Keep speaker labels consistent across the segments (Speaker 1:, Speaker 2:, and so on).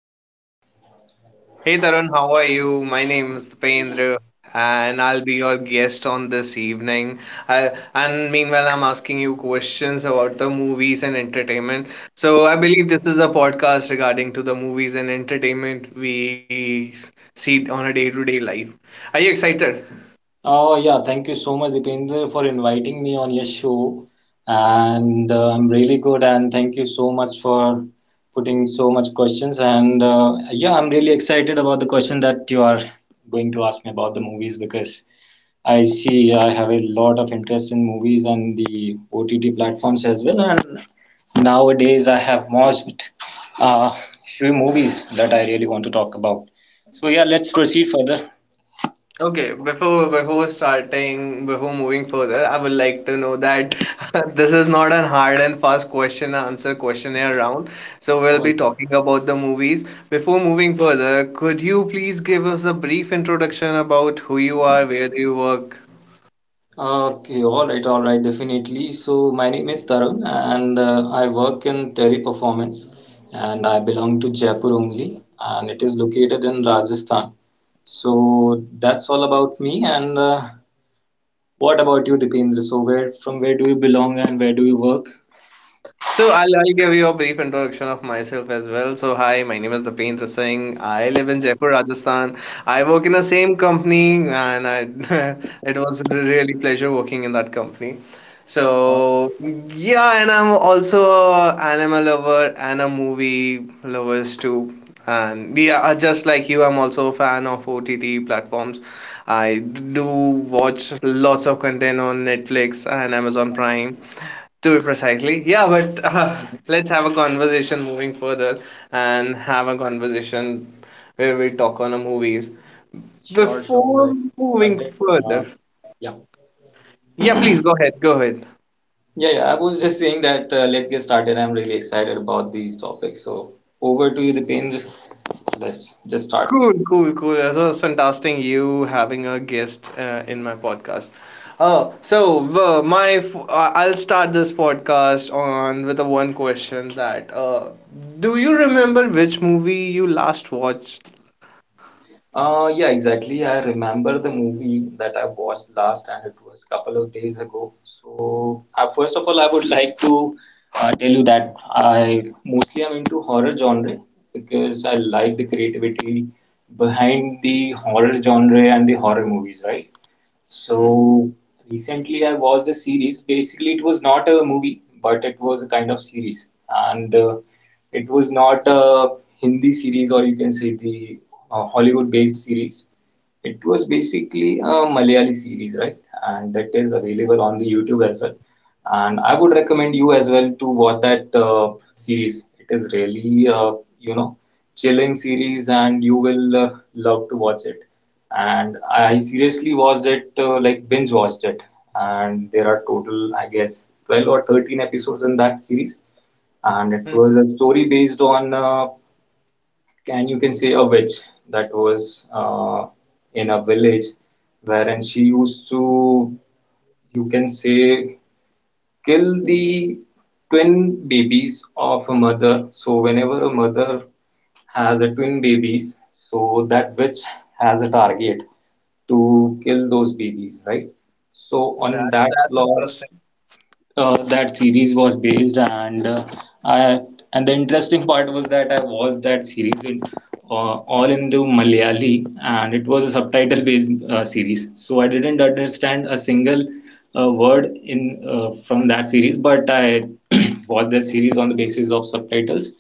Speaker 1: Yeah.
Speaker 2: Hey Tarun, how are you? My name is Pendra, and I'll be your guest on this evening. I, and meanwhile, I'm asking you questions about the movies and entertainment. So I believe this is a podcast regarding to the movies and entertainment we see on a day-to-day life. Are you excited?
Speaker 1: Oh, yeah. Thank you so much, Dipender, for inviting me on your show. And I'm really good. And thank you so much for putting so much questions. And yeah, I'm really excited about the question that you are going to ask me about the movies because I see I have a lot of interest in movies and the OTT platforms as well. And nowadays, I have watched a few movies that I really want to talk about. So yeah, let's proceed further.
Speaker 2: Okay, before starting, before moving further, I would like to know that this is not a hard and fast question and answer questionnaire round. So we'll be talking about the movies. Before moving further, could you please give us a brief introduction about who you are, where do you work?
Speaker 1: Okay, all right, definitely. So, my name is Tarun and I work in teleperformance and I belong to Jaipur only and it is located in Rajasthan. So, that's all about me. And what about you, Dipendra? So, where from where do you belong and where do you work?
Speaker 2: So I'll give you a brief introduction of myself as well. So hi, my name is Dipendra Singh. I live in Jaipur, Rajasthan. I work in the same company, and I it was really pleasure working in that company.
Speaker 1: Uh,
Speaker 2: So yeah, and I'm also a animal lover and a movie lovers too. And yeah, just like you, I'm also a fan of OTT platforms. I do watch lots of content on Netflix and Amazon Prime. To be precisely, yeah, but let's have a conversation moving further and have a conversation where we talk on a movies.
Speaker 1: sure, sure.
Speaker 2: Before
Speaker 1: Let's get
Speaker 2: moving
Speaker 1: started.
Speaker 2: further,
Speaker 1: Yeah.
Speaker 2: yeah, please go ahead, go ahead.
Speaker 1: Yeah. I was just saying that let's get started. I'm really excited about these topics. So, over to you, Dipendra. Let's just start.
Speaker 2: Cool, cool, cool. That was fantastic. You having a guest in my podcast. Oh, so I'll start this podcast on with a one question that do you remember which movie you last watched?
Speaker 1: Yeah, exactly. I remember the movie that I watched last, and it was a couple of days ago. So, first of all, I would like to tell you that I mostly am into horror genre because I like the creativity behind the horror genre and the horror movies, right? So recently, I watched a series. Basically, it was not a movie, but it was a kind of series, and it was not a Hindi series, or you can say the Hollywood-based series. It was basically a Malayali series, right? And that is available on the YouTube as well. And I would recommend you as well to watch that series. It is really, you know, chilling series, and you will love to watch it. And I seriously watched it, like binge watched it. And there are total, I guess, 12 or 13 episodes in that series. And
Speaker 2: Hmm,
Speaker 1: it was a story based on and you can see a witch that was in a village wherein she used to, you can say, kill the twin babies of a mother, so whenever a mother has a twin babies, so that witch has a target to kill those babies, right? So on
Speaker 2: that
Speaker 1: that
Speaker 2: that's
Speaker 1: plot,
Speaker 2: interesting.
Speaker 1: that series was based, and I and the interesting part was that I watched that series in all in the Malayali and it was a subtitle based series, so I didn't understand a single word in from that series, but I watched the series on the basis of subtitles,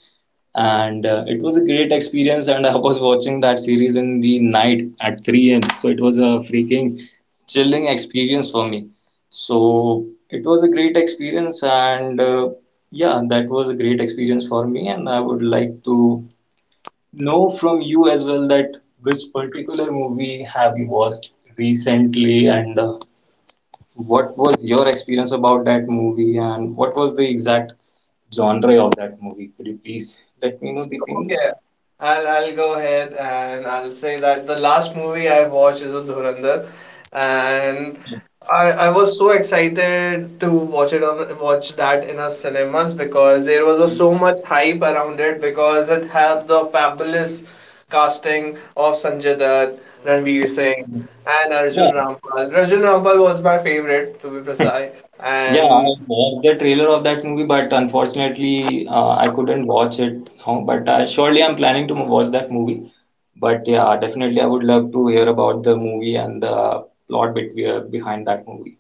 Speaker 1: and it was a great experience and I was watching that series in the night at 3 a.m., so it was a freaking chilling experience for me. So it was a great experience, and yeah, that was a great experience for me. And I would like to know from you as well that which particular movie have you watched recently, and what was your experience about that movie, and what was the exact genre of that movie? Could you please let me know, Deepen?
Speaker 2: Okay. I'll go ahead and I'll say that the last movie I watched is Dhurandhar, and I was so excited to watch it on watch that in our cinemas because there was so much hype around it because it has the fabulous casting of Sanjay Dutt, Ranveer Singh, and Arjun
Speaker 1: Yeah.
Speaker 2: Rampal. Arjun Rampal was my favorite to be precise,
Speaker 1: Yeah,
Speaker 2: and
Speaker 1: I watched the trailer of that movie, but unfortunately, I couldn't watch it now. But surely I'm planning to watch that movie. But yeah, definitely, I would love to hear about the movie and the plot behind that movie.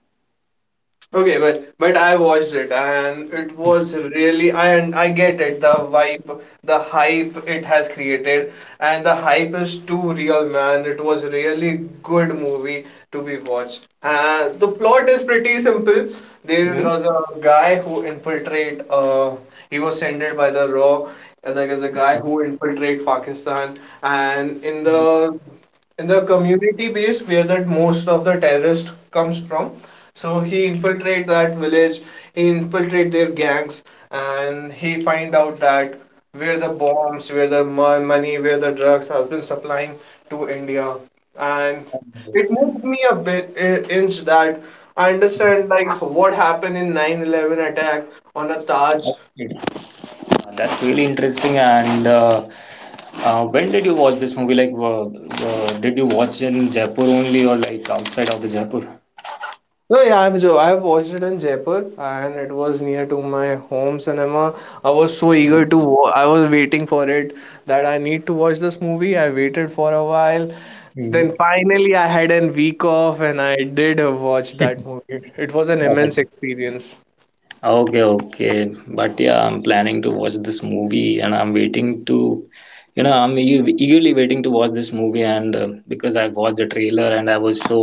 Speaker 2: okay, but I watched it and it was really I get it the vibe the hype it has created and the hype is too real, man. It was really good movie to be watched, and the plot is pretty simple. There
Speaker 1: Hmm?
Speaker 2: was a guy who infiltrate he was sent in by the RAW, and there is a guy who infiltrate Pakistan and in the community base where that most of the terrorist comes from. So he infiltrate that village, he infiltrate their gangs, and he find out that where the bombs, where the money, where the drugs have been supplying to India. And it moved me a bit, inch that I understand like what happened in 9/11 attack on a Taj.
Speaker 1: Okay. That's really interesting. And when did you watch this movie? Like, did you watch in Jaipur only, or like outside of the Jaipur?
Speaker 2: No, yeah, I've watched it in Jaipur, and it was near to my home cinema. I was so eager to. I was waiting for it that I need to watch this movie. I waited for a while. Then
Speaker 1: Hmm.
Speaker 2: finally, I had a week off, and I did watch that movie. It was an immense experience.
Speaker 1: Okay, okay. But yeah, I'm planning to watch this movie and I'm waiting to, you know, eagerly waiting to watch this movie. And because I watched the trailer and I was so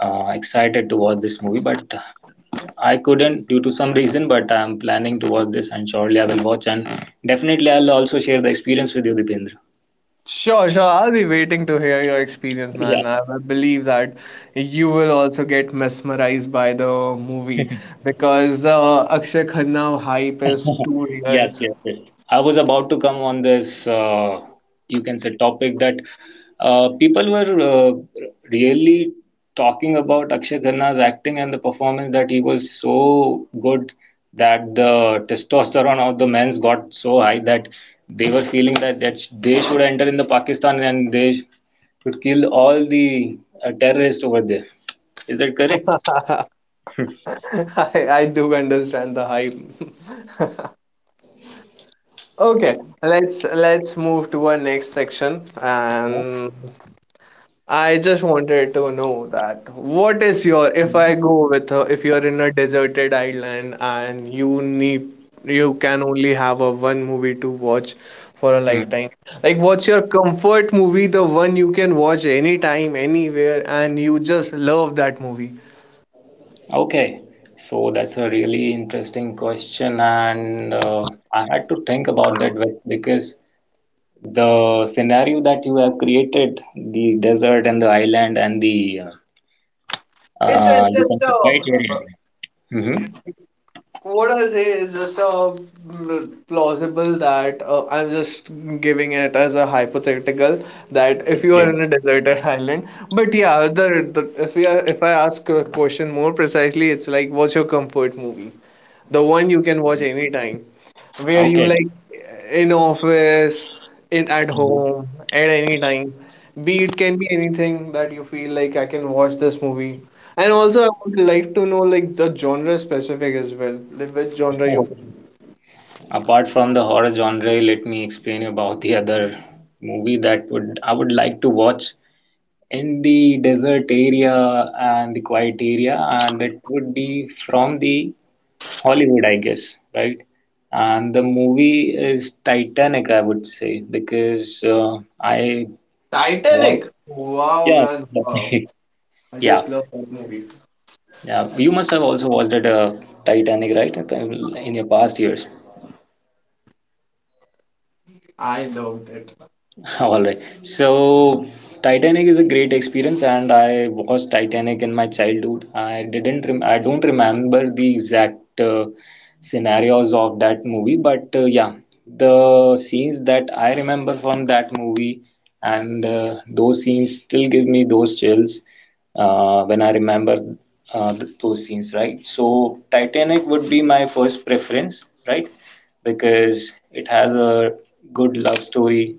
Speaker 1: excited to watch this movie, but I couldn't due to some reason. But I'm planning to watch this and shortly I will watch. And definitely I'll also share the experience with you, Dipendra.
Speaker 2: Sure, sure. I'll be waiting to hear your experience, man.
Speaker 1: Yeah.
Speaker 2: I believe that you will also get mesmerized by the movie because the Akshay Khanna hype is too real.
Speaker 1: Yes, yes, yes. I was about to come on this, you can say, topic that people were really talking about Akshay Khanna's acting and the performance that he was so good that the testosterone of the men's got so high that they were feeling that they should enter in the Pakistan and they should kill all the terrorists over there. Is that correct?
Speaker 2: I do understand the hype. Okay, let's move to our next section. And I just wanted to know that what is your, if I go with a, if you're in a deserted island and you need you can only have a one movie to watch for a
Speaker 1: Yeah.
Speaker 2: lifetime. Like what's your comfort movie, the one you can watch anytime, anywhere, and you just love that movie?
Speaker 1: Okay, so that's a really interesting question, and I had to think about that because the scenario that you have created, the desert and the island and the
Speaker 2: It's just,
Speaker 1: you
Speaker 2: just
Speaker 1: can see right area.
Speaker 2: a
Speaker 1: Hmm.
Speaker 2: what I'll say is just plausible that I'm just giving it as a hypothetical that if you
Speaker 1: Okay.
Speaker 2: are in a deserted island, but yeah, the if we are, if I ask a question more precisely, it's like what's your comfort movie? The one you can watch anytime where you
Speaker 1: Okay.
Speaker 2: like in office, in at
Speaker 1: Mhm.
Speaker 2: home, at any time. Be it can be anything that you feel like I can watch this movie. And also I would like to know like the genre specific as well. Like which genre you
Speaker 1: Apart from the horror genre, let me explain you about the other movie that would I would like to watch in the desert area and the quiet area, and it would be from the Hollywood, I guess, right? And the movie is Titanic, I would say, because I watched.
Speaker 2: Titanic. Wow,
Speaker 1: Yeah,
Speaker 2: man, wow.
Speaker 1: definitely.
Speaker 2: I
Speaker 1: yeah,
Speaker 2: just love that movie.
Speaker 1: yeah. You must have also watched it, Titanic, right? In your past years.
Speaker 2: I loved it.
Speaker 1: All right. So Titanic is a great experience, and I watched Titanic in my childhood. I don't remember the exact scenarios of that movie, but yeah, the scenes that I remember from that movie, and those scenes still give me those chills when I remember those scenes. Right. So Titanic would be my first preference. Right, because it has a good love story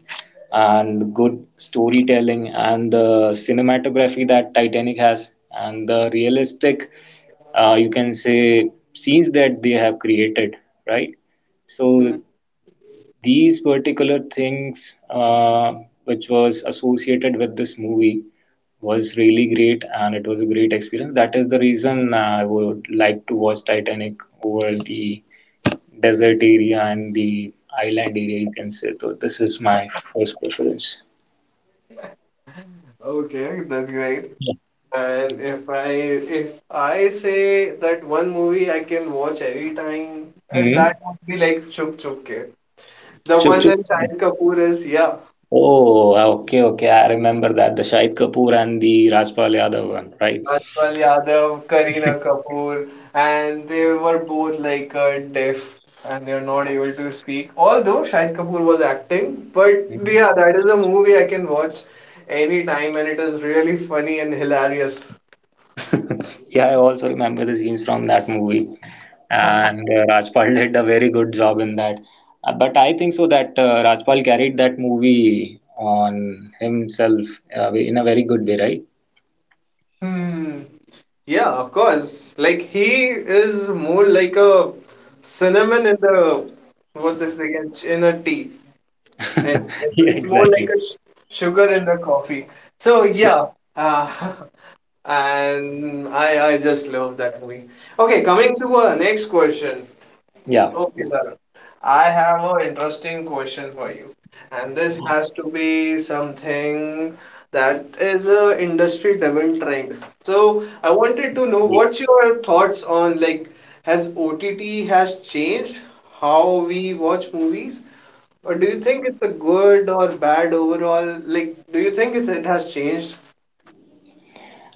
Speaker 1: and good storytelling and the cinematography that Titanic has and the realistic, you can say, scenes that they have created, right? So these particular things, which was associated with this movie, was really great and it was a great experience. That is the reason I would like to watch Titanic over the desert area and the island area, you can say. So this is my first preference.
Speaker 2: Okay, that's great. And if I say that one movie I can watch any time,
Speaker 1: Hmm.
Speaker 2: that would be like Chup Chup Ke. The
Speaker 1: Chup
Speaker 2: one
Speaker 1: Chup.
Speaker 2: that Shahid Kapoor is, yeah,
Speaker 1: Oh, ah, okay, okay. I remember that the Shahid Kapoor and the Rajpal Yadav one, right?
Speaker 2: Ajmal Yadav, Kareena Kapoor, and they were both like deaf and they're not able to speak. Although Shahid Kapoor was acting, but
Speaker 1: Mhm.
Speaker 2: yeah, that is a movie I can watch anytime, and it is really funny and hilarious.
Speaker 1: yeah, I also remember the scenes from that movie, and Rajpal did a very good job in that. But I think so that Rajpal carried that movie on himself in a very good way, right?
Speaker 2: Hmm. Yeah, of course. Like he is more like a cinnamon in the what's this again? In a tea. It, it,
Speaker 1: yeah,
Speaker 2: it's more like
Speaker 1: exactly.
Speaker 2: a sugar in the coffee. So
Speaker 1: So,
Speaker 2: yeah, uh, and I just love that movie. Okay, coming to our next question.
Speaker 1: yeah.
Speaker 2: Okay, Dharan. I have an interesting question for you, and this has to be something that is a industry-driven trend. So I wanted to know what's your thoughts on like has OTT has changed how we watch movies, or do you think it's a good or bad overall? Like, do you think it has changed?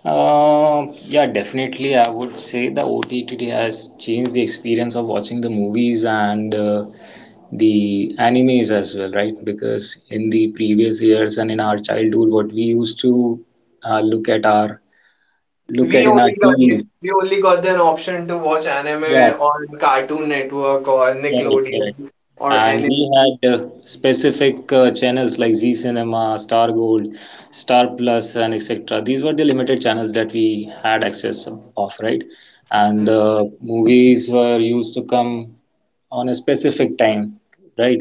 Speaker 1: Yeah, definitely. I would say the OTT has changed the experience of watching the movies and the animes as well, right? Because in the previous years and in our childhood, what we used to uh, look at our look
Speaker 2: We
Speaker 1: at in our
Speaker 2: only got
Speaker 1: TVs,
Speaker 2: we only got an option to watch
Speaker 1: yeah,
Speaker 2: anime on Cartoon Network or
Speaker 1: correct, correct.
Speaker 2: Nickelodeon or
Speaker 1: And
Speaker 2: any.
Speaker 1: we had specific channels like Z Cinema, Star Gold, Star Plus, and etc. These were the limited channels that we had access of, right? And the movies were used to come on a specific time, right?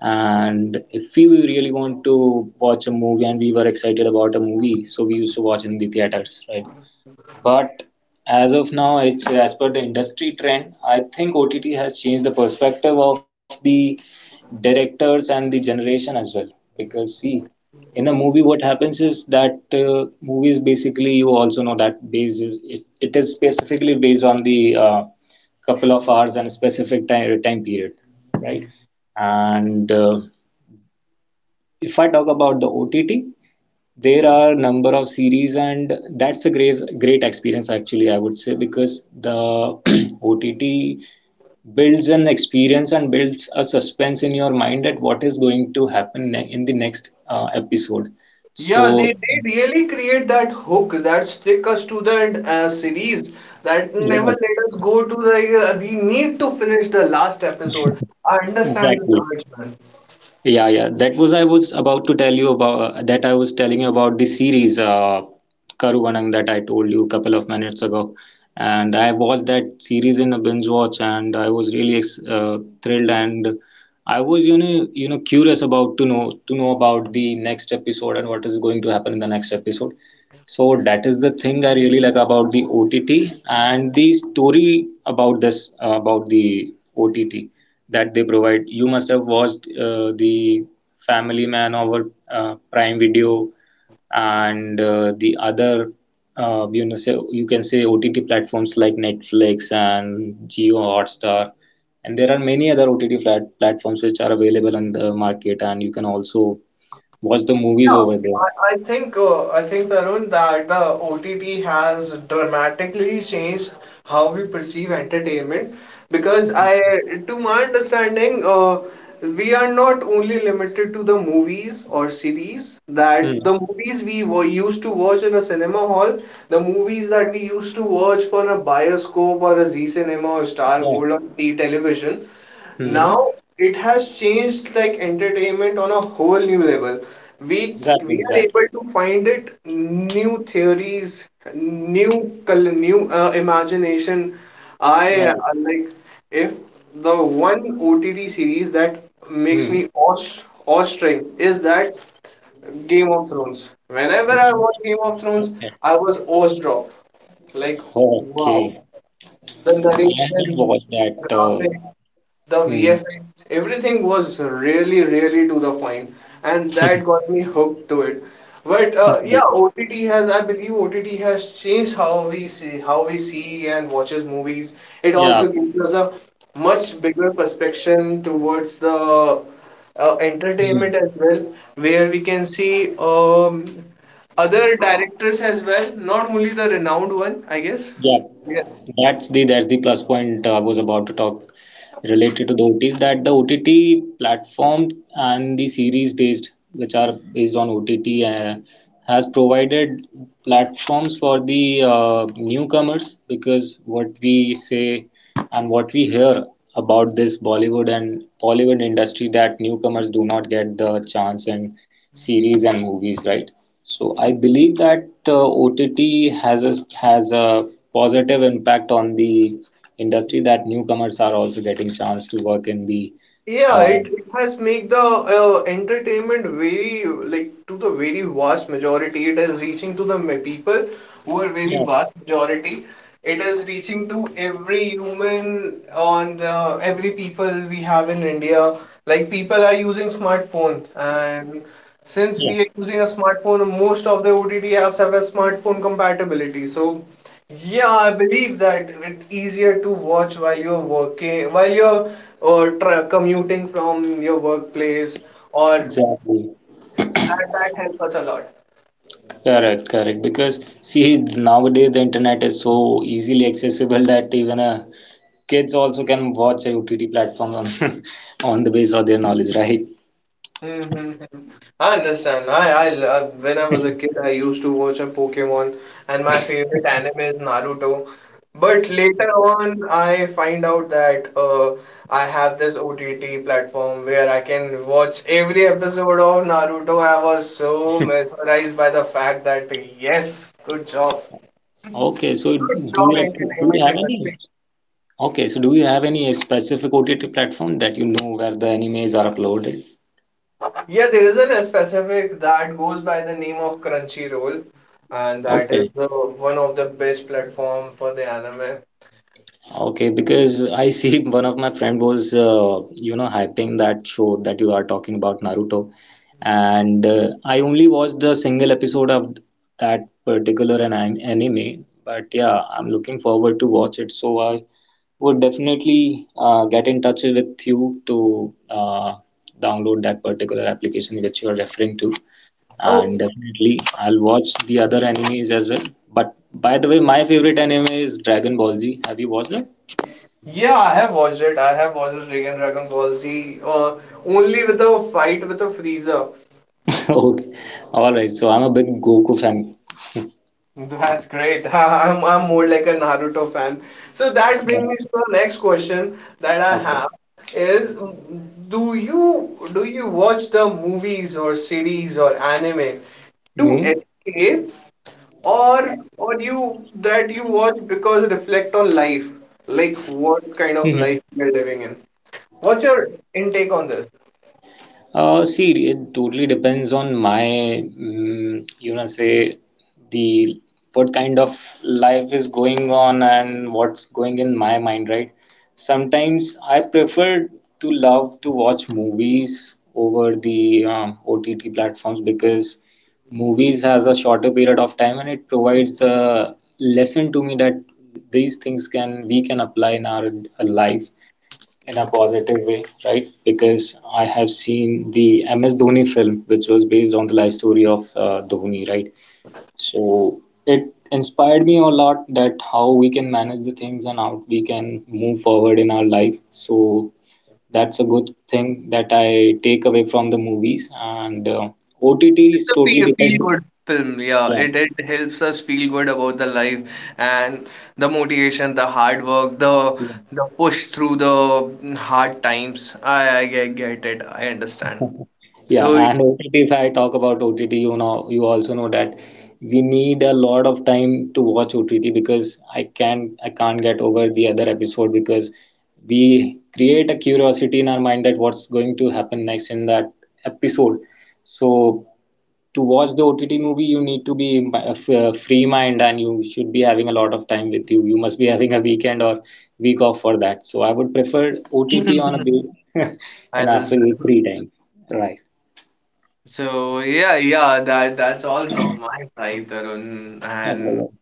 Speaker 1: And if we really want to watch a movie and we were excited about a movie, so we used to watch in the theaters, right? But as of now, it's as per the industry trend. I think OTT has changed the perspective of the directors and the generation as well. Because see, in a movie, what happens is that movies basically, you also know that it is specifically based on the couple of hours and a specific time period. And if I talk about the OTT, there are number of series and that's a great experience, actually, I would say, because the OTT builds an experience and builds a suspense in your mind at what is going to happen in the next episode.
Speaker 2: Yeah,
Speaker 1: So
Speaker 2: they really create that hook that stick us to the series that never
Speaker 1: yeah,
Speaker 2: let us go to the. We need to finish the last episode. I understand this
Speaker 1: exactly.
Speaker 2: urge, man.
Speaker 1: Yeah, yeah. That was I was about to tell you about that I was telling you about the series Karuvanang that I told you a couple of minutes ago. And I watched that series in a binge watch and I was really thrilled and I was, you know, curious about to know about the next episode and what is going to happen in the next episode. So that is the thing I really like about the OTT and the story about this about the OTT that they provide. You must have watched the Family Man over Prime Video and the other you can say OTT platforms like Netflix and Geo Hotstar and there are many other OTT flat platforms which are available on the market and you can also watch the movies
Speaker 2: Yeah,
Speaker 1: over there.
Speaker 2: I think I think, Tarun, that the OTT has dramatically changed how we perceive entertainment because I, to my understanding, we are not only limited to the movies or series that the
Speaker 1: Hmm.
Speaker 2: movies we were used to watch in a cinema hall, the movies that we used to watch for a bioscope or a Z cinema or Star
Speaker 1: Yeah.
Speaker 2: Gold or T television. Now
Speaker 1: Hmm.
Speaker 2: it has changed like entertainment on a whole new level. we
Speaker 1: Exactly,
Speaker 2: we are able
Speaker 1: exactly.
Speaker 2: to find it new theories, new new imagination. I
Speaker 1: Right.
Speaker 2: Like if the one OTT series that makes me
Speaker 1: Hmm.
Speaker 2: awestruck is that Game of Thrones. Whenever I watch Game of Thrones,
Speaker 1: Okay.
Speaker 2: I was awestruck. Like, wow,
Speaker 1: Okay.
Speaker 2: the
Speaker 1: I haven't
Speaker 2: narration,
Speaker 1: watched that.
Speaker 2: graphic, the
Speaker 1: Hmm.
Speaker 2: VFX, everything was really, really to the point, and that got me hooked to it. But yeah, OTT has, I believe, OTT has changed how we see and watches movies. It
Speaker 1: Yeah.
Speaker 2: also gives us a much bigger perspective towards the
Speaker 1: Hmm.
Speaker 2: entertainment as well, where we can see other directors as well, not only the renowned one, I guess.
Speaker 1: Yeah, that's the plus point I was about to talk related to the OTs, that the OTT platform and the series based which are based on OTT uh, has provided platforms for the newcomers, because what we say and what we hear about this Bollywood and Bollywood industry, that newcomers do not get the chance and series and movies, right? So I believe that OTT has a positive impact on the industry, that newcomers are also getting chance to work in the
Speaker 2: Yeah,
Speaker 1: uh,
Speaker 2: it has make the entertainment very like to the very vast majority. It is reaching to the people who are very
Speaker 1: yeah,
Speaker 2: vast majority. It is reaching to every human on the every people we have in India. Like people are using smartphone, and
Speaker 1: yeah,
Speaker 2: since we are using a smartphone, most of the OTT apps have a smartphone compatibility. So. Yeah, I believe that it's easier to watch while you're working, while you're or tra commuting from your workplace, or
Speaker 1: exactly.
Speaker 2: that helps us a lot.
Speaker 1: Correct, correct. Because see, nowadays the internet is so easily accessible that even a kids also can watch a OTT platform on, on the base of their knowledge, right?
Speaker 2: Mm-hmm. I understand. When I was a kid, I used to watch a Pokemon, and my favorite anime is Naruto. But later on, I find out that I have this OTT platform where I can watch every episode of Naruto. I was so mesmerized by the fact that yes,
Speaker 1: Okay, so
Speaker 2: good job,
Speaker 1: do you
Speaker 2: entertainment
Speaker 1: have any?
Speaker 2: industry.
Speaker 1: Okay, so do you have any specific OTT platform that you know where the animes are uploaded?
Speaker 2: Yeah, there is a specific that goes by the name of Crunchyroll, and that is
Speaker 1: Okay,
Speaker 2: the one of the best platform for the anime.
Speaker 1: okay, because I see one of my friend was, you know, hyping that show that you are talking about Naruto, and I only watched the single episode of that particular an anime. But yeah, I'm looking forward to watch it. So I would definitely get in touch with you to download that particular application which you are referring to. And
Speaker 2: Oh,
Speaker 1: definitely I'll watch the other animes as well. But by the way, my favorite anime is Dragon Ball Z. Have you watched it?
Speaker 2: yeah, I have watched it. I have watched Dragon Ball Z, only with the fight with the Frieza.
Speaker 1: Okay, all right. So I'm a big Goku fan.
Speaker 2: That's great. I'm more like a Naruto fan. So that brings me to the next question that I
Speaker 1: Okay.
Speaker 2: have is do you watch the movies or series or anime to
Speaker 1: Hmm.
Speaker 2: escape or you that you watch because reflect on life like what kind of life we're living in what's your intake on this. It's
Speaker 1: See, it totally depends on my, you know, say the what kind of life is going on and what's going in my mind, right? Sometimes I prefer to love to watch movies over the OTT platforms, because movies has a shorter period of time and it provides a lesson to me that these things can we can apply in our life in a positive way, right? Because I have seen the MS Dhoni film, which was based on the life story of Dhoni, right? So it inspired me a lot that how we can manage the things and how we can move forward in our life. So that's a good thing that I take away from the movies, and OTT is
Speaker 2: a
Speaker 1: totally
Speaker 2: feel
Speaker 1: dependent.
Speaker 2: good film. Yeah,
Speaker 1: Yeah.
Speaker 2: it helps us feel good about the life and the motivation, the hard work,
Speaker 1: Yeah.
Speaker 2: the push through the hard times. Get it. I understand.
Speaker 1: Yeah,
Speaker 2: So
Speaker 1: and OTT, if I talk about OTT, you know, you also know that we need a lot of time to watch OTT, because I can't get over the other episode, because we create a curiosity in our mind that what's going to happen next in that episode. So to watch the OTT movie, you need to be free mind, and you should be having a lot of time with you. You must be having a weekend or week off for that. So I would prefer OTT on a day
Speaker 2: I
Speaker 1: in our
Speaker 2: understand.
Speaker 1: free time. Right.
Speaker 2: So yeah, yeah. That that's all from my side, Tarun, and
Speaker 1: Oh,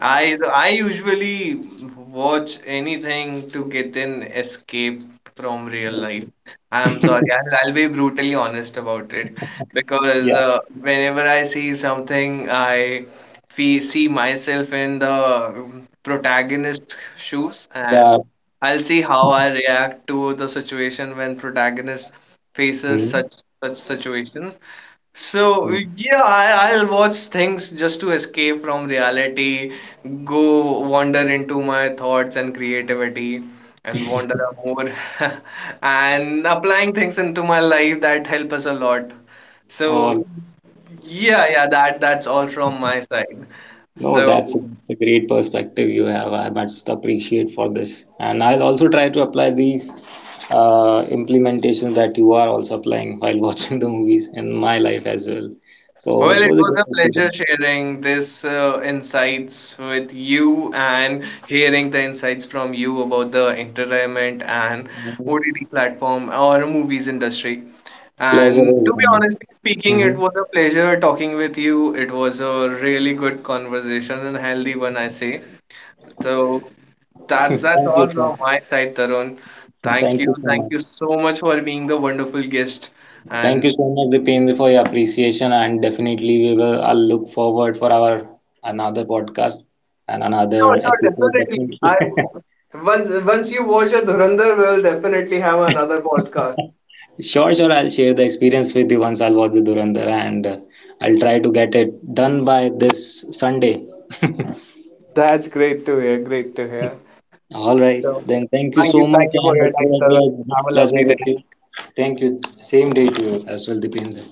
Speaker 2: I usually watch anything to get an escape from real life. I'm sorry, I'll be brutally honest about it because
Speaker 1: yeah,
Speaker 2: whenever I see something, I fee see myself in the protagonist shoes, and
Speaker 1: yeah.
Speaker 2: I'll see how I react to the situation when protagonist faces
Speaker 1: Hmm.
Speaker 2: such situations. So
Speaker 1: Hmm.
Speaker 2: yeah, I'll watch things just to escape from reality, go wander into my thoughts and creativity, and wander more, and applying things into my life that help us a lot. So
Speaker 1: Oh,
Speaker 2: yeah, yeah, that that's all from my side.
Speaker 1: no,
Speaker 2: So
Speaker 1: that's a great perspective you have. I must appreciate for this, and I'll also try to apply these implementations that you are also applying while watching the movies in my life as well. So
Speaker 2: well,
Speaker 1: it
Speaker 2: it
Speaker 1: was a
Speaker 2: was
Speaker 1: great
Speaker 2: a pleasure
Speaker 1: experience.
Speaker 2: sharing this insights with you and hearing the insights from you about the entertainment and
Speaker 1: Uh,
Speaker 2: OTT platform or movies industry.
Speaker 1: Pleasure
Speaker 2: And
Speaker 1: is
Speaker 2: to be
Speaker 1: mine.
Speaker 2: honestly speaking,
Speaker 1: Mhm.
Speaker 2: it was a pleasure talking with you. It was a really good conversation and healthy one, I say. So
Speaker 1: Thank
Speaker 2: that's all
Speaker 1: you so
Speaker 2: from my side, Tarun.
Speaker 1: much. Thank you so
Speaker 2: Thank you
Speaker 1: much.
Speaker 2: so much for being the wonderful guest,
Speaker 1: Thank you
Speaker 2: and
Speaker 1: so much, Dipendra, for your appreciation, and definitely we will. I'll look forward for our another podcast and another
Speaker 2: sure, sure,
Speaker 1: episode.
Speaker 2: definitely. I
Speaker 1: Definitely,
Speaker 2: once you watch a Dhurandhar, we'll definitely have another podcast.
Speaker 1: sure, sure. I'll share the experience with you once I'll watch the Durandar, and I'll try to get it done by this Sunday.
Speaker 2: That's great to hear. Great to hear.
Speaker 1: All right,
Speaker 2: So
Speaker 1: then. Thank you so much,
Speaker 2: thank you for
Speaker 1: and
Speaker 2: your
Speaker 1: it
Speaker 2: time,
Speaker 1: was a
Speaker 2: Tarun. Have
Speaker 1: great
Speaker 2: a
Speaker 1: pleasure
Speaker 2: lovely day.
Speaker 1: with you. Thank you. Same day to you as well, Dipendra.